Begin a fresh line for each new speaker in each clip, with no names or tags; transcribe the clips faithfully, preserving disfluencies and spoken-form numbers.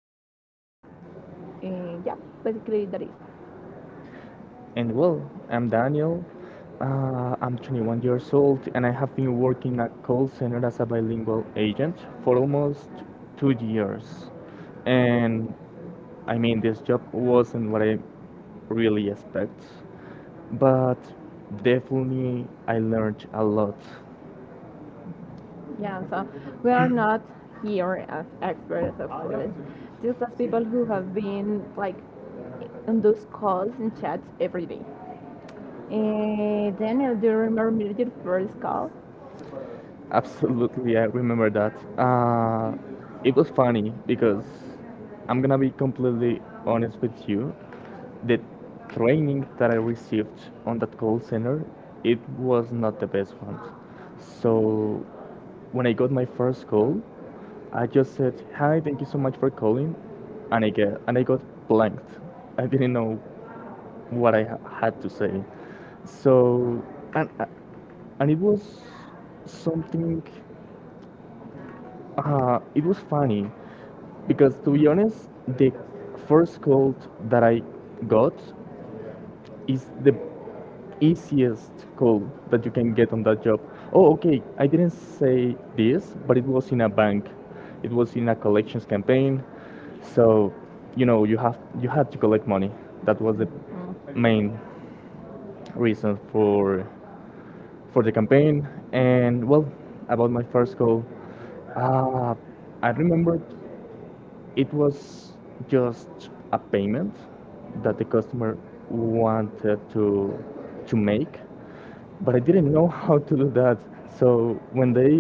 company. Uh, yeah, Basically that is.
And well, I'm Daniel. Uh, I'm twenty-one years old and I have been working at call center as a bilingual agent for almost two years. And I mean, this job wasn't what I really expect, but definitely I learned a lot.
Yeah, so we are not here as experts, of course, just as people who have been like on those calls and chats every day. Uh, Daniel, do you remember your first call?
Absolutely, I remember that. Uh, it was funny because I'm gonna be completely honest with you. The training that I received on that call center, it was not the best one. So when I got my first call, I just said, "Hi, thank you so much for calling," and I get, and I got blanked. I didn't know what I ha- had to say. So and and it was something uh, it was funny because, to be honest, the first call that I got is the easiest call that you can get on that job. Oh, okay, I didn't say this, but it was in a bank. It was in a collections campaign. So, you know, you have you had to collect money. That was the
Mm,
main reason for for the campaign. And well, about my first call, uh, I remembered it was just a payment that the customer wanted to to make, but I didn't know how to do that. So when they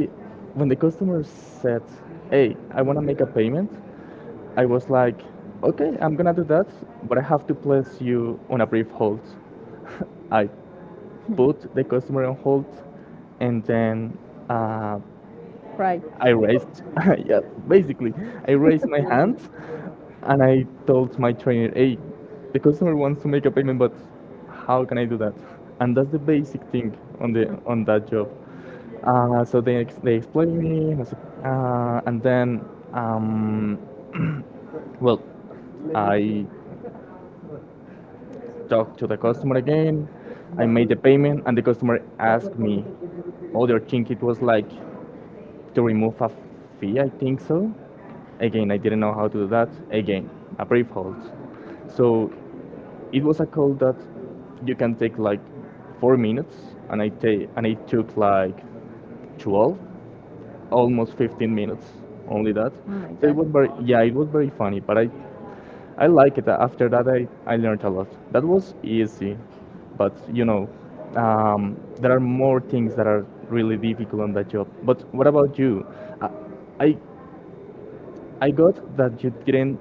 when the customer said, "Hey, I want to make a payment," I was like, "Okay, I'm gonna do that, but I have to place you on a brief hold." I put the customer on hold, and then a
right.
I raised, yeah, basically, I raised my hand and I told my trainer, hey, the customer wants to make a payment, but how can I do that? And that's the basic thing on the on that job. Uh, so they, ex- they explained me, and I said, uh, and then, um, well, I talked to the customer again. I made the payment, and the customer asked me other thing. It was like to remove a fee, I think so. Again, I didn't know how to do that. Again, a brief hold. So it was a call that you can take like four minutes, and I take and it took like twelve, almost fifteen minutes, only that.
Oh my
So it
god.
was very yeah, it was very funny, but I I like it. After that, I I learned a lot. That was easy, but you know, um, there are more things that are really difficult on that job. But what about you? I, I I got that you didn't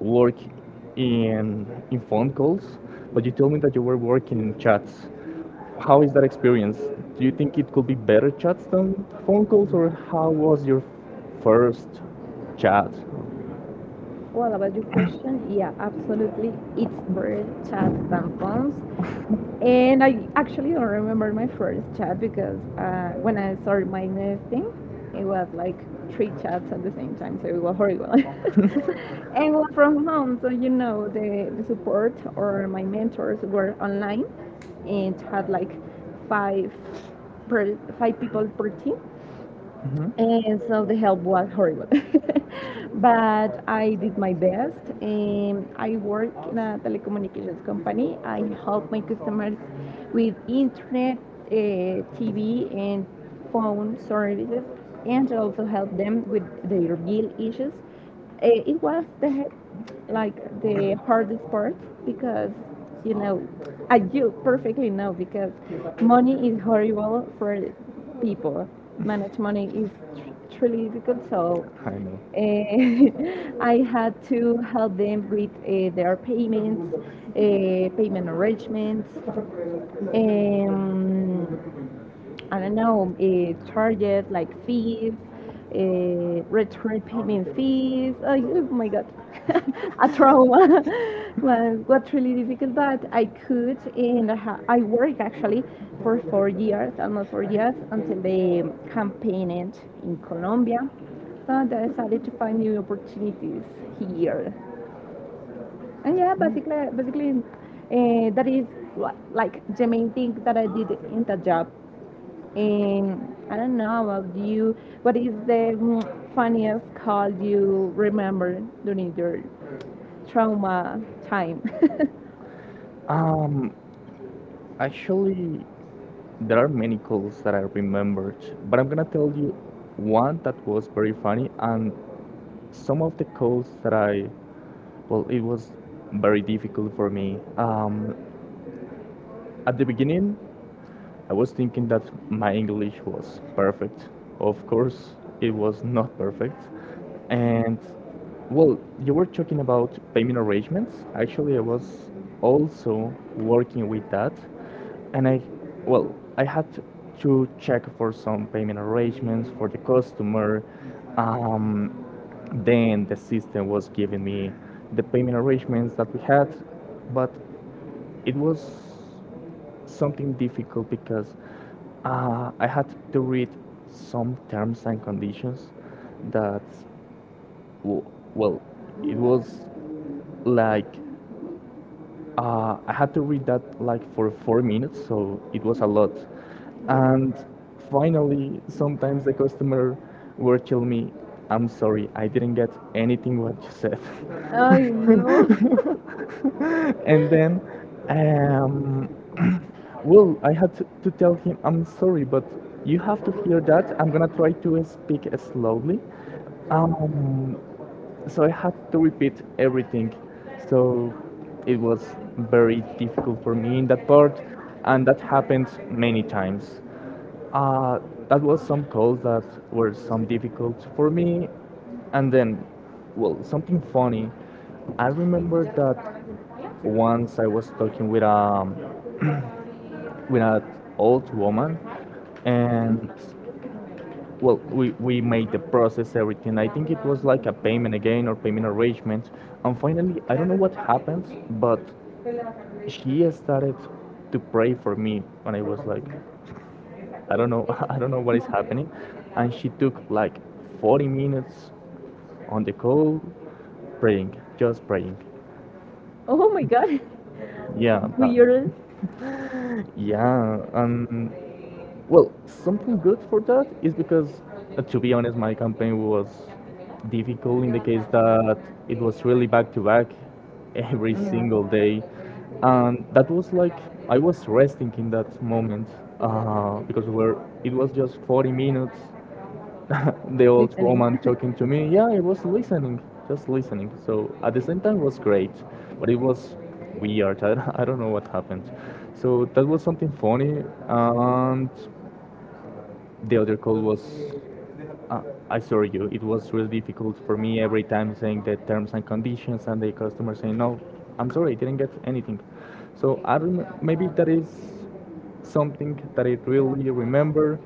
work in in phone calls, but you told me that you were working in chats. How is that experience? Do you think it could be better chats than phone calls, or how was your first chat?
Well, about your question, yeah, absolutely. It's bird chats than phones. And I actually don't remember my first chat because uh, when I started my nesting, it was like three chats at the same time, so it was horrible. And was from home, so you know, the, the support or my mentors were online and had like five per five people per team,
Hmm.
and so the help was horrible. But I did my best. Um, I work in a telecommunications company. I help my customers with internet, uh, T V, and phone services, and also help them with their bill issues. Uh, it was the like the hardest part because, you know, I do perfectly know because money is horrible for people. Manage money is tr- really difficult. so
I know.
uh, I had to help them with uh, their payments, uh, payment arrangements, um, I don't know, uh, charges like fees, uh, return payment fees. Oh, oh my God, a trauma was got really difficult, but I could, and I, ha- I worked actually for four years, almost four years, until the campaign ended in Colombia. So I decided to find new opportunities here. And yeah, basically, basically, uh, that is what, like the main thing that I did in that job. And I don't know about you. What is the mm, funniest call you remember during your trauma time?
Um, Actually, there are many calls that I remembered, but I'm gonna tell you one that was very funny, and some of the calls that I, well, it was very difficult for me. Um, At the beginning, I was thinking that my English was perfect. Of course, it was not perfect. And well, you were talking about payment arrangements. Actually, I was also working with that. And I, well, I had to check for some payment arrangements for the customer. Um, then the system was giving me the payment arrangements that we had, but it was something difficult because uh, I had to read some terms and conditions that, w- well, it was like uh, I had to read that like for four minutes, so it was a lot. And
Yeah.
finally, sometimes the customer would tell me, "I'm sorry, I didn't get anything what you said."
I know.
and then, um, well, I had to, to tell him, "I'm sorry, but you have to hear that. I'm gonna try to speak slowly." Um, so I had to repeat everything. So it was very difficult for me in that part, and that happened many times. Uh, that was some calls that were some difficult for me, and then, well, something funny. I remember that once I was talking with a with an old woman, and well, we, we made the process, everything. I think it was like a payment again or payment arrangement. And finally, I don't know what happened, but she started to pray for me. When I was like, I don't know, I don't know what is happening. And she took like forty minutes on the call praying, just praying.
Oh my god.
Yeah, but
Weird.
yeah. Um, Well, something good for that is because, uh, to be honest, my campaign was difficult in the case that it was really back to back every
Mm,
single day. And that was like, I was resting in that moment uh, because we were, it was just forty minutes. The old
listening.
woman talking to me, yeah, I was listening, just listening. So at the same time, it was great, but it was weird. I, I don't know what happened. So that was something funny. And the other code was uh, I saw you it was really difficult for me every time saying the terms and conditions and the customer saying no, I'm sorry I didn't get anything. So i rem- maybe that is something that I really remember.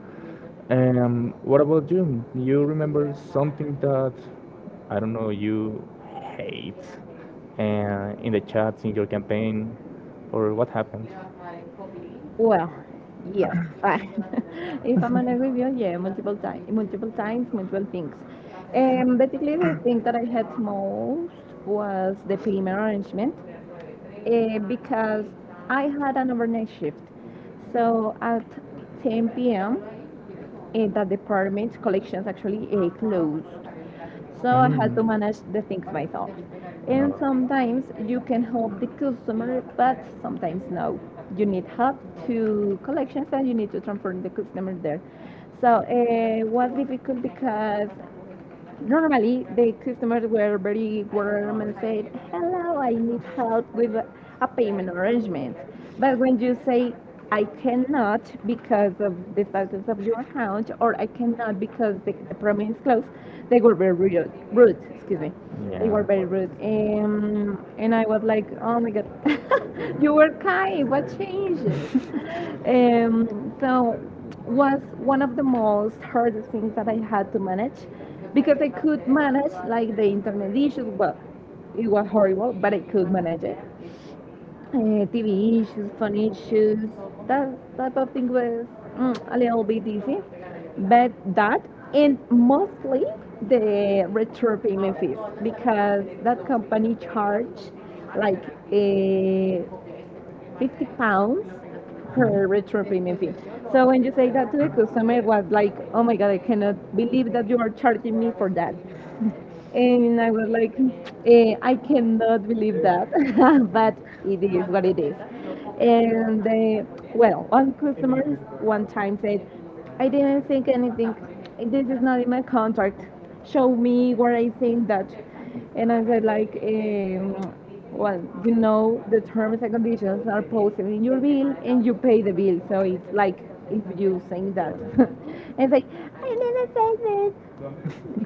um, What about you, you remember something that, I don't know, you hate uh, in the chats in your campaign or what happened?
Well, yeah. If I'm honest with you, yeah, multiple times, multiple times, multiple things. Um, basically, the thing that I had most was the payment arrangement. eh, because I had an overnight shift. So at ten p m, eh, that department collections actually eh, closed. So I had
Mm.
to manage the things myself. And
No.
sometimes you can help the customer, but sometimes no. You need help to collections and you need to transfer the customer there. So eh, it was difficult because normally the customers were very warm and said, "Hello, I need help with a payment arrangement." But when you say, "I cannot because of the status of your account," or "I cannot because the, the promise is closed," they were very rude. Rude, excuse me. They
Yeah.
were very rude, and and I was like, "Oh my God, you were kind. What changed?" Um, so was one of the most hardest things that I had to manage because I could manage like the internet issues. Well, it was horrible, but I could manage it. Uh, T V issues, phone issues, that type of thing was mm, a little bit easy. But that, and mostly the retro payment fees, because that company charged like a. fifty pounds
Mhm.
per retro premium fee. So when you say that to the customer, it was like, oh my God, I cannot believe that you are charging me for that. And I was like, eh, I cannot believe that, but it is what it is. And eh, well, One customer one time said, I didn't think anything. This is not in my contract. Show me where I think that. And I said, like, um, well, you know, the terms and conditions are posted in your bill and you pay the bill. So it's like if you saying that. And it's like, I didn't say this.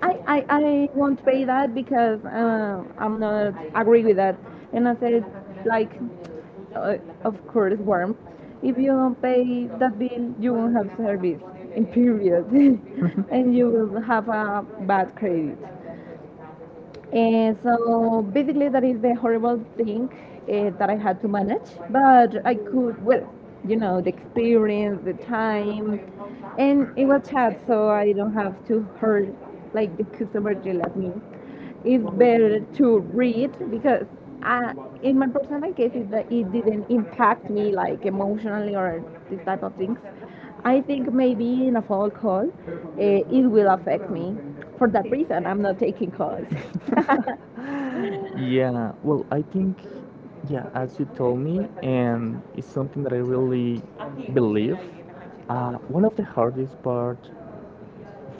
I, I, I won't pay that because uh, I'm not agree with that. And I said, like, uh, of course, warm. If you don't pay that bill, you won't have service, in period. And you will have a bad credit. And so basically, that is the horrible thing uh, that I had to manage. But I could, well, you know, the experience, the time, and it was chat, so I don't have to hurt like the customer yell at me. It's better to read because I, in my personal case, it, it didn't impact me like emotionally or this type of things. I think maybe in a fall call, uh, it will affect me. For that reason, I'm not taking calls.
Yeah, well, I think, yeah, as you told me, and it's something that I really believe. Uh, one of the hardest part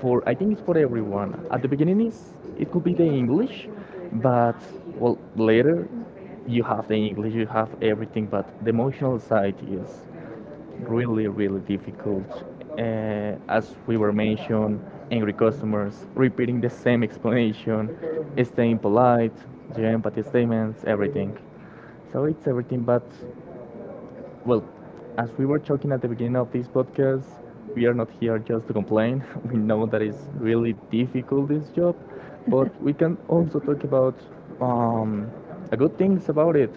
for I think it's for everyone. At the beginning is it could be the English, but well later you have the English, you have everything, but the emotional side is really really difficult. Uh, as we were mentioned, angry customers repeating the same explanation, staying polite, the empathy statements, everything. So it's everything, but well, as we were talking at the beginning of this podcast, we are not here just to complain. We know that it's really difficult this job, but we can also talk about um, a good things about it.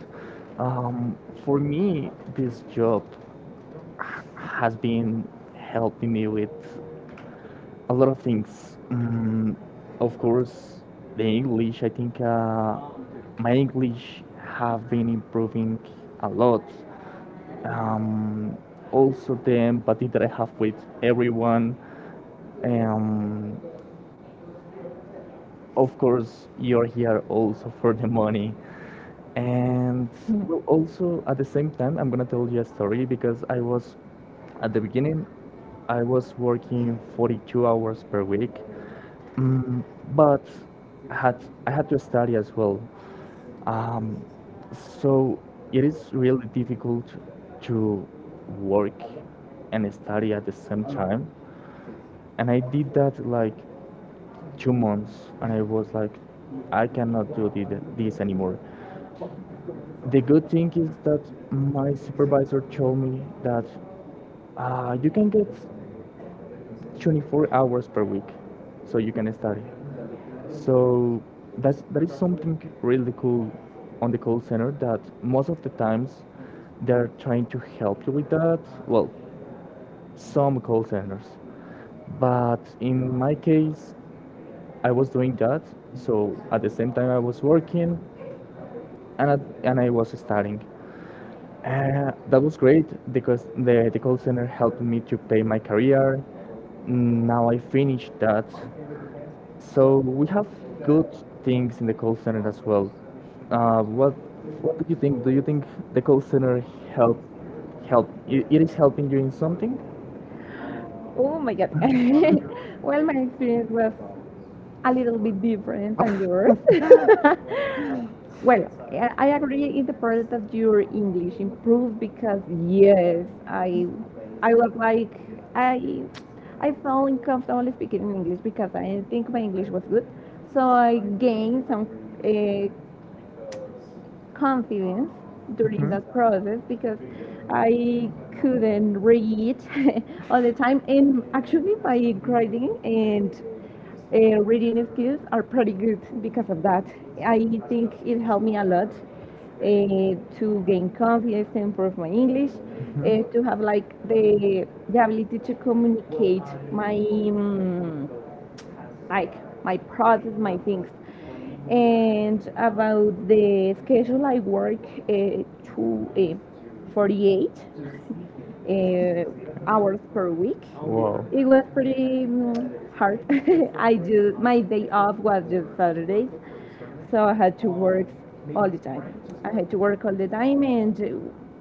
Um, for me, this job has been helping me with a lot of things. Mm, of course, the English. I think uh, my English have been improving a lot, um, also the empathy that I have with everyone. Um, of course, you're here also for the money. And well, also at the same time, I'm gonna tell you a story because I was at the beginning, I was working forty-two hours per week, mm, but I had I had to study as well. Um, so it is really difficult to work and study at the same time. And I did that like two months, and I was like, I cannot do thi- this anymore. The good thing is that my supervisor told me that uh, you can get twenty-four hours per week, so you can study. So that's that is something really cool on the call center that most of the times they're trying to help you with that. Well, some call centers. But in my case, I was doing that. So at the same time I was working and I, and I was studying. Uh, that was great because the, the call center helped me to pay my career. Now I finished that. So we have good things in the call center as well. Uh, what what do you think? Do you think the call center help help it, it is helping you in something?
Oh my god. Well, my experience was a little bit different than yours. Well, I I agree in the part that your English improved because yes, I, I was like I, I felt uncomfortable speaking in English because I didn't think my English was good, so I gained some uh, confidence during
Mhm.
that process because I couldn't read all the time. And actually, my grading and uh, reading skills are pretty good because of that. I think it helped me a lot uh, to gain confidence, to improve my English,
Mhm.
uh, to have like the, the ability to communicate my. Mm, like my process, my things. And about the schedule, I work uh, two, uh, forty-eight uh, hours per week.
Wow.
It was pretty mm, hard. I do my day off was just Saturdays, so I had to work all the time. I had to work all the time, and uh,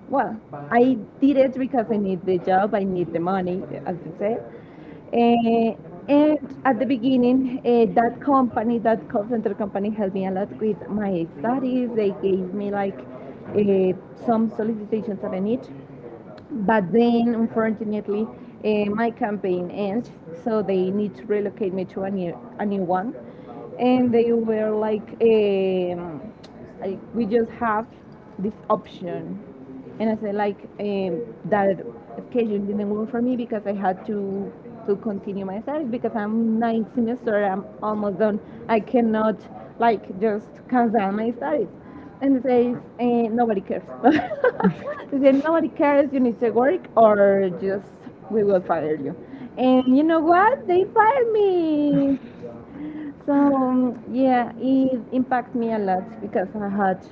well, I did it because I need the job, I need the money, as you said. Uh, and at the beginning, uh, that company, that call center company, helped me a lot with my studies. They gave me like uh, some solicitations that I need. But then, unfortunately, uh, my campaign ends, so they need to relocate me to a new, a new one. And they were like, um, like we just have this option. And I said, like, um, that schedule didn't work for me because I had to to continue my studies because I'm ninth semester, I'm almost done. I cannot like just cancel my studies and says eh, nobody cares. They say nobody cares. You need to work, or just we will fire you. And you know what? They fired me. So um, yeah, it impacted me a lot because I had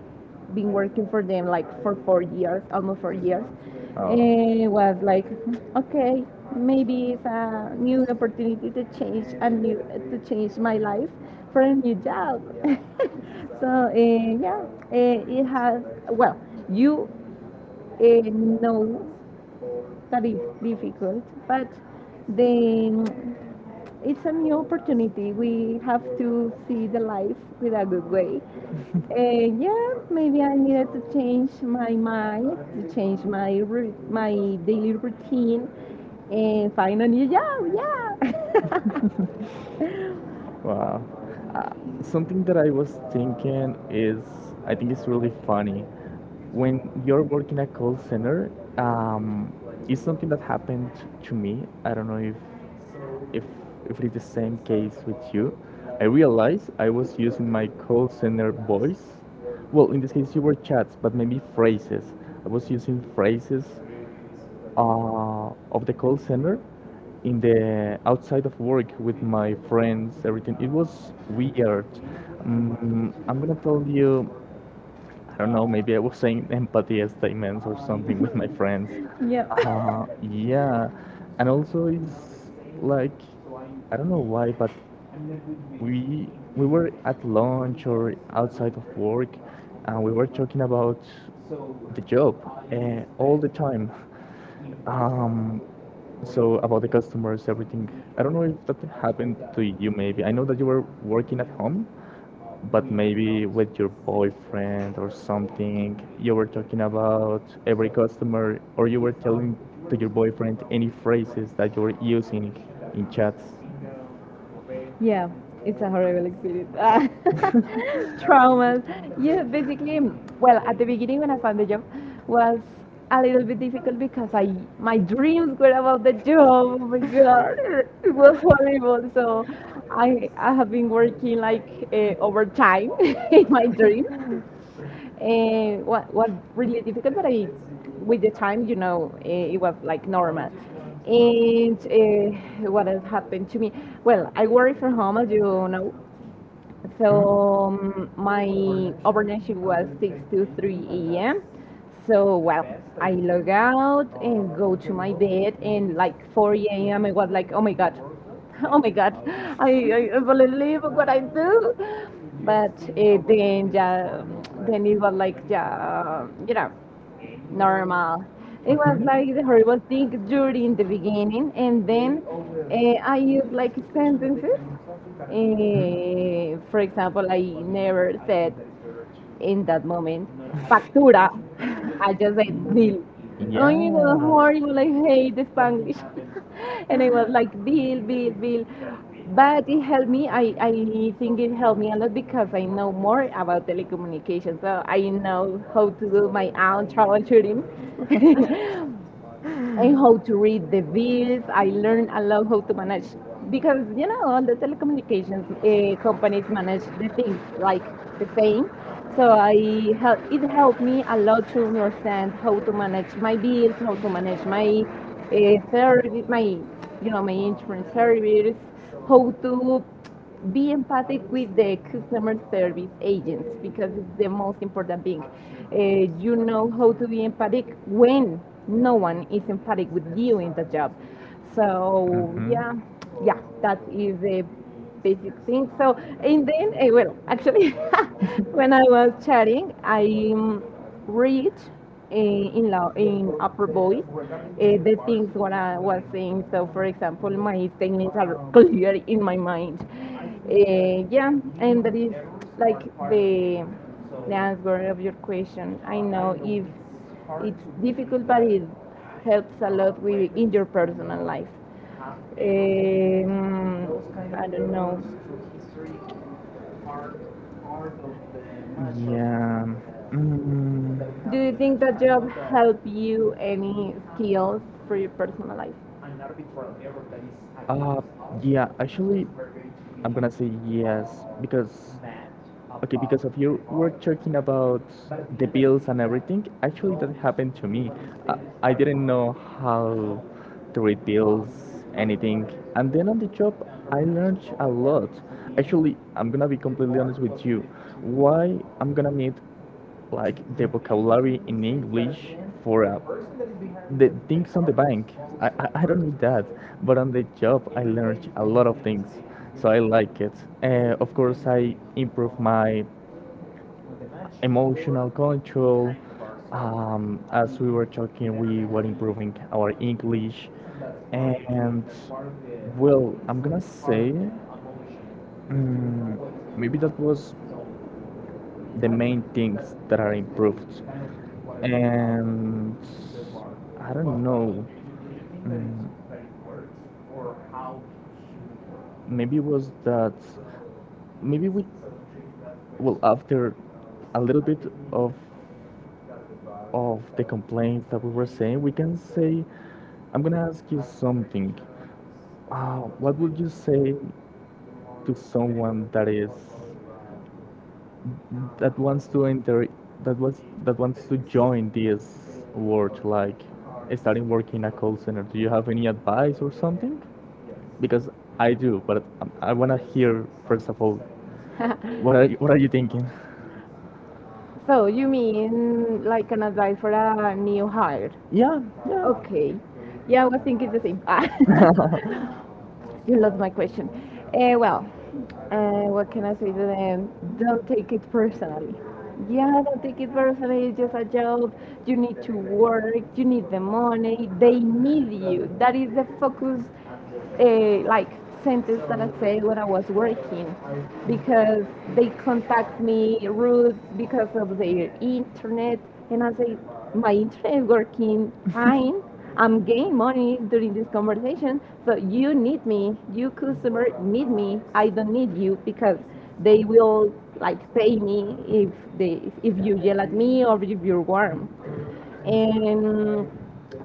been working for them like for four years, almost four years.
Oh.
And it was like, okay, maybe it's a new opportunity to change and new to change my life for a new job. so uh, yeah, uh, it has, well, you uh, know that is difficult, but then it's a new opportunity. We have to see the life with a good way. Uh, yeah, maybe I needed to change my mind, to change my my daily routine, and find a new job. Yeah,
Wow. Uh, Something that I was thinking is, I think it's really funny. When you're working at call center, um, it's something that happened to me. I don't know if if if it's the same case with you. I realized I was using my call center voice. Well, in this case, you were chats, but maybe phrases. I was using phrases uh, of the call center in the outside of work with my friends, everything it was weird. um, I'm gonna tell you, I don't know, maybe I was saying empathy statements or something with my friends.
yeah.
Uh, yeah, and also it's like, I don't know why, but we we were at lunch or outside of work and we were talking about the job uh, all the time. um, so about the customers, everything. I don't know if that happened to you maybe. I know that you were working at home, but maybe with your boyfriend or something, you were talking about every customer or you were telling to your boyfriend any phrases that you were using in chats.
Yeah, it's a horrible experience. Ah, Traumas. Yeah, basically, mm, well, at the beginning when I found the job was a little bit difficult because I my dreams were about the job. Oh my god, it was horrible. So I I have been working like uh, overtime in my dreams. Uh, what was really difficult, but I, with the time, you know, eh, it was like normal. And uh, what has happened to me? Well, I work from home, as you know, so
Hmm?
um, my overnight shift was six to three a m. So well, I log out and go to my bed, and like four a m. I was like, oh my god, oh my god, I, I believe what I do. But uh, then, yeah, um, then it was like, yeah, you know, normal. It was
Mhm.
like the
Mhm.
horrible thing during the beginning, and then uh, I used like sentences. Uh, for example, I never said in that moment factura. I just said bill. Only the
Yeah.
horrible, I hate the Spanish. And I was like, Bill, Bill, Bill. But it helped me. I, I think it helped me a lot because I know more about telecommunications. So I know how to do my own troubleshooting. And how to read the bills. I learned a lot how to manage because you know all the telecommunications uh, companies manage the things like the same. So I help, it helped me a lot to understand how to manage my bills, how to manage my uh, service, my you know my insurance service, how to be empathic with the customer service agents because it's the most important thing. Uh, you know how to be empathic when no one is empathic with you in the job. So yeah, yeah, that is the basic thing. So and then uh, well, actually, when I was chatting, I um, reached in in, low, in upper voice uh, the things what I was saying. So, for example, my statements are clear in my mind. Uh, yeah, and that is like the the answer of your question. I know if it's difficult, but it helps a lot with in your personal life. Um, I don't know.
Yeah. Mm,
Do you think that job help you any skills for your personal life?
uh, yeah, actually, I'm gonna say yes because okay, because of you were talking about the bills and everything, actually that happened to me. I, I didn't know how to read bills, anything. And then on the job, I learned a lot. Actually, I'm gonna be completely honest with you. Why I'm gonna need like the vocabulary in English for a the things on the bank I, I, I don't need that, but on the job I learned a lot of things, so I like it. Uh, of course I improve my emotional control. Um, as we were talking, we were improving our English. And well, I'm gonna say, mm, maybe that was the main things that are improved. And I don't know. Mm, Maybe it was that, maybe we, well, after a little bit of of the complaints that we were saying, we can say I'm gonna ask you something. Uh, what would you say to someone that is that wants to enter that was that wants to join this world, like starting working in a call center? Do you have any advice or something? Because I do, but i, I want to hear first of all, What are you, what are you thinking?
So you mean like an advice for a new hire?
Yeah,
Okay. Yeah, I was thinking the same.
yeah.
You lost my question. Uh, well, uh, what can I say to them? Don't take it personally. Yeah, don't take it personally. It's just a job. You need to work. You need the money. They need you. That is the focus, uh, like sentence that I said when I was working, because they contact me rude because of their internet, and I say my internet working fine. I'm gaining money during this conversation, so you need me. You customer need me. I don't need you because they will like pay me if they if you yell at me or if you're warm. And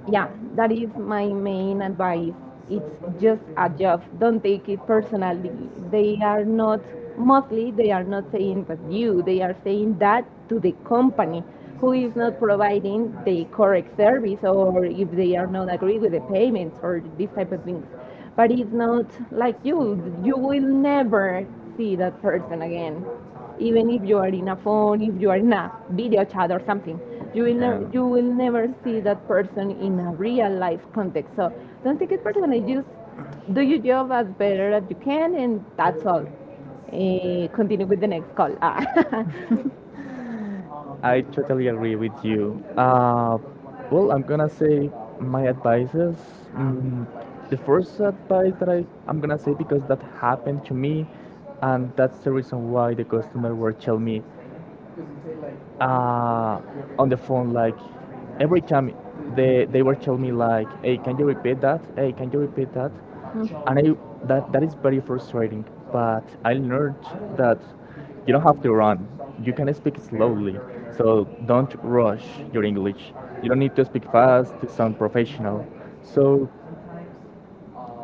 yeah, that is my main advice. It's just a job. Don't take it personally. They are not mostly they are not saying that you. They are saying that to the company who is not providing the correct service or if they are not agree with the payments or these type of things. But it's not like you. You will never see that person again. Even if you are in a phone, if you are in a video chat or something, you will never you will never see that person in a real life context. So don't take it personally. Just do your job as better as you can, and that's all. Eh, continue with the next call. Ah.
I totally agree with you. Uh, well, I'm gonna say my advices. Mm, the first advice that I, I'm gonna say, because that happened to me, and that's the reason why the customer were tell me uh, on the phone, like every time they they were telling me like, "Hey, can you repeat that? Hey, can you repeat that?" And I that that is very frustrating, but I learned that you don't have to run, you can speak slowly, so don't rush your English. You don't need to speak fast to sound professional. So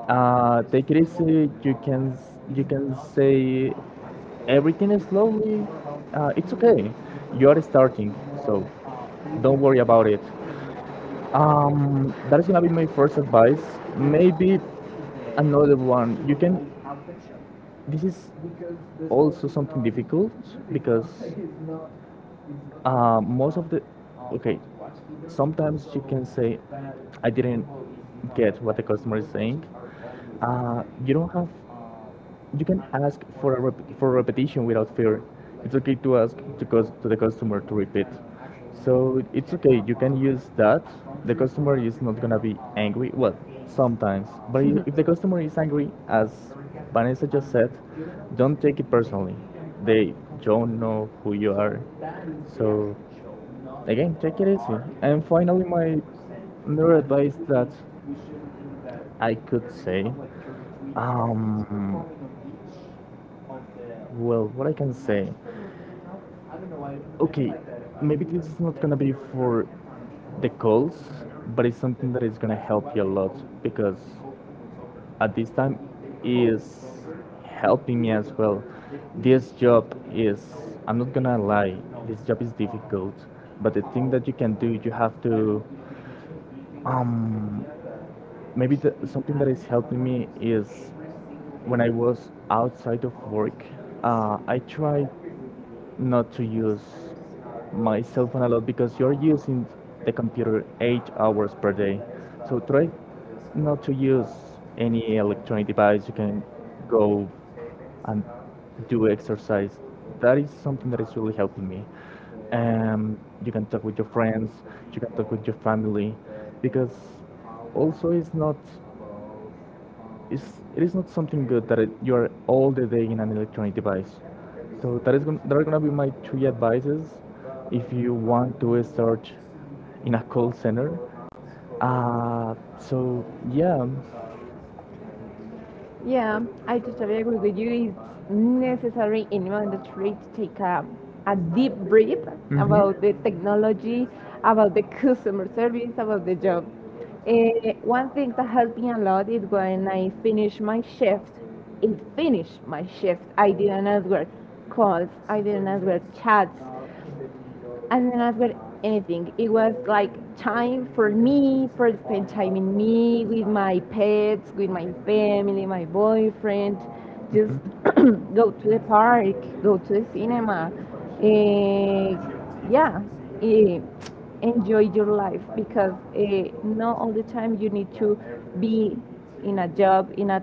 uh, take it easy. You can s- you can say everything slowly. Uh, it's okay. You are starting, so don't worry about it. Um, that is gonna be my first advice. Maybe another one. You can. This is also something difficult, because uh, most of the okay. Sometimes you can say, "I didn't get what the customer is saying." Uh, you don't have you can ask for a rep- for repetition without fear. It's okay to ask to, cus- to the customer to repeat. So it's okay. You can use that. The customer is not gonna be angry. Well, sometimes, but i- if the customer is angry, as Vanessa just said, don't take it personally. They don't know who you are. So again, take it easy. And finally, my another advice that I could say, um, well, what I can say, okay, maybe this is not gonna be for the calls, but it's something that is gonna help you a lot, because at this time is helping me as well. This job is I'm not gonna lie, this job is difficult, but the thing that you can do, you have to um maybe the, something that is helping me is when I was outside of work, uh, I tried not to use my cell phone a lot, because you're using the computer eight hours per day. So try not to use any electronic device. You can go and do exercise. That is something that is really helping me. Um, you can talk with your friends, you can talk with your family, because also it's not it's, it is not something good that it, you are all the day in an electronic device. So that is gon- that are gonna be my three advices if you want to search in a call center. Uh, so yeah.
Yeah, I totally agree with you. It's necessary in our industry to take a, a deep breath
Mhm.
about the technology, about the customer service, about the job. Eh, one thing that helped me a lot is when I finished my shift. It finished my shift. I didn't answer calls. I didn't answer chats and then I've got anything. It was like time for me, for spend time in me, with my pets, with my family, my boyfriend. Just
Hmm.
go to the park, go to the cinema. Eh, yeah, eh, enjoy your life because uh, not all the time you need to be in a job, in a,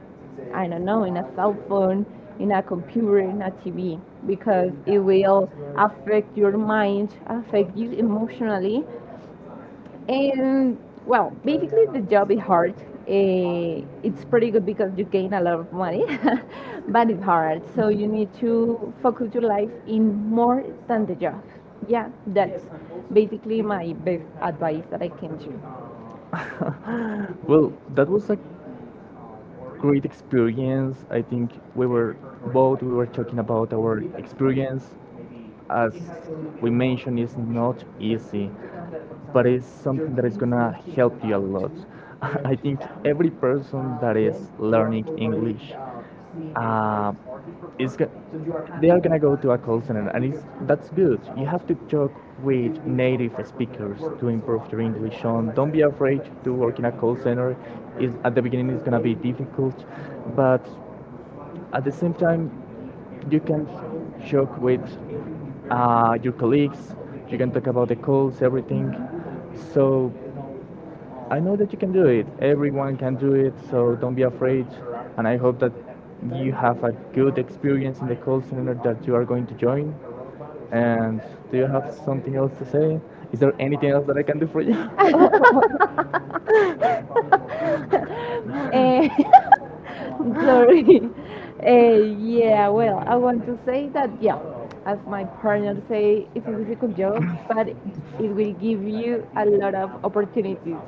I don't know, in a cell phone, in a computer, in a T V, because it will affect your mind, affect you emotionally, and well, basically the job is hard. Eh, it's pretty good because you gain a lot of money, but it's hard. So you need to focus your life in more than the job. Yeah, that's basically my best advice that I can do.
Well, that was a great experience. I think we were both we were talking about our experience as we mentioned, is not easy, but it's something that is gonna help you a lot. I think every person that is learning English uh, is go- they are gonna go to a call center, and it's, that's good. You have to talk with native speakers to improve your English. On don't be afraid to work in a call center. Is at the beginning it's gonna be difficult, but at the same time you can joke with uh, your colleagues. You can talk about the calls, everything. So I know that you can do it. Everyone can do it. So don't be afraid. And I hope that you have a good experience in the call center that you are going to join. And do you have something else to say? Is there anything else that I can do for you?
Eh, sorry. Eh, yeah, well, I want to say that, yeah, as my partner say, it's a difficult job, but it will give you a lot of opportunities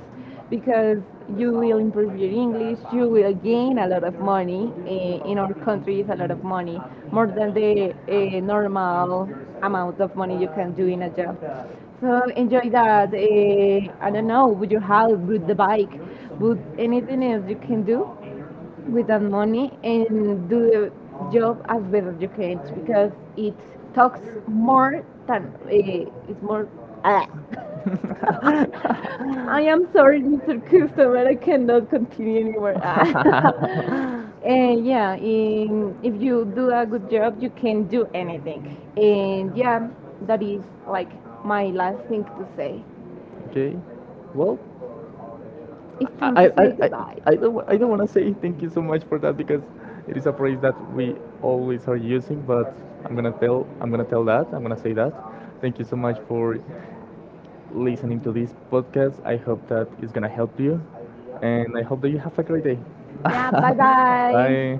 because you will improve your English, you will gain a lot of money. Eh, in our country, it's a lot of money, more than the eh, normal amount of money you can do in a job. So enjoy that. Uh, I don't know, with your house, with the bike, with anything else you can do with that money and do the job as best as you can because it talks more than uh, it's more. Ah. I am sorry, mister Customer. I cannot continue anymore. And yeah, in, if you do a good job, you can do anything. And yeah, that is like my last thing to say.
Okay. Well,
It's time
I,
to
I,
say
I,
goodbye.
I don't, wa- I don't want to say thank you so much for that, because it is a phrase that we always are using. But I'm gonna tell, I'm gonna tell that, I'm gonna say that. Thank you so much for listening to this podcast. I hope that it's gonna help you, and I hope that you have a great day.
Yeah, bye bye.
Bye.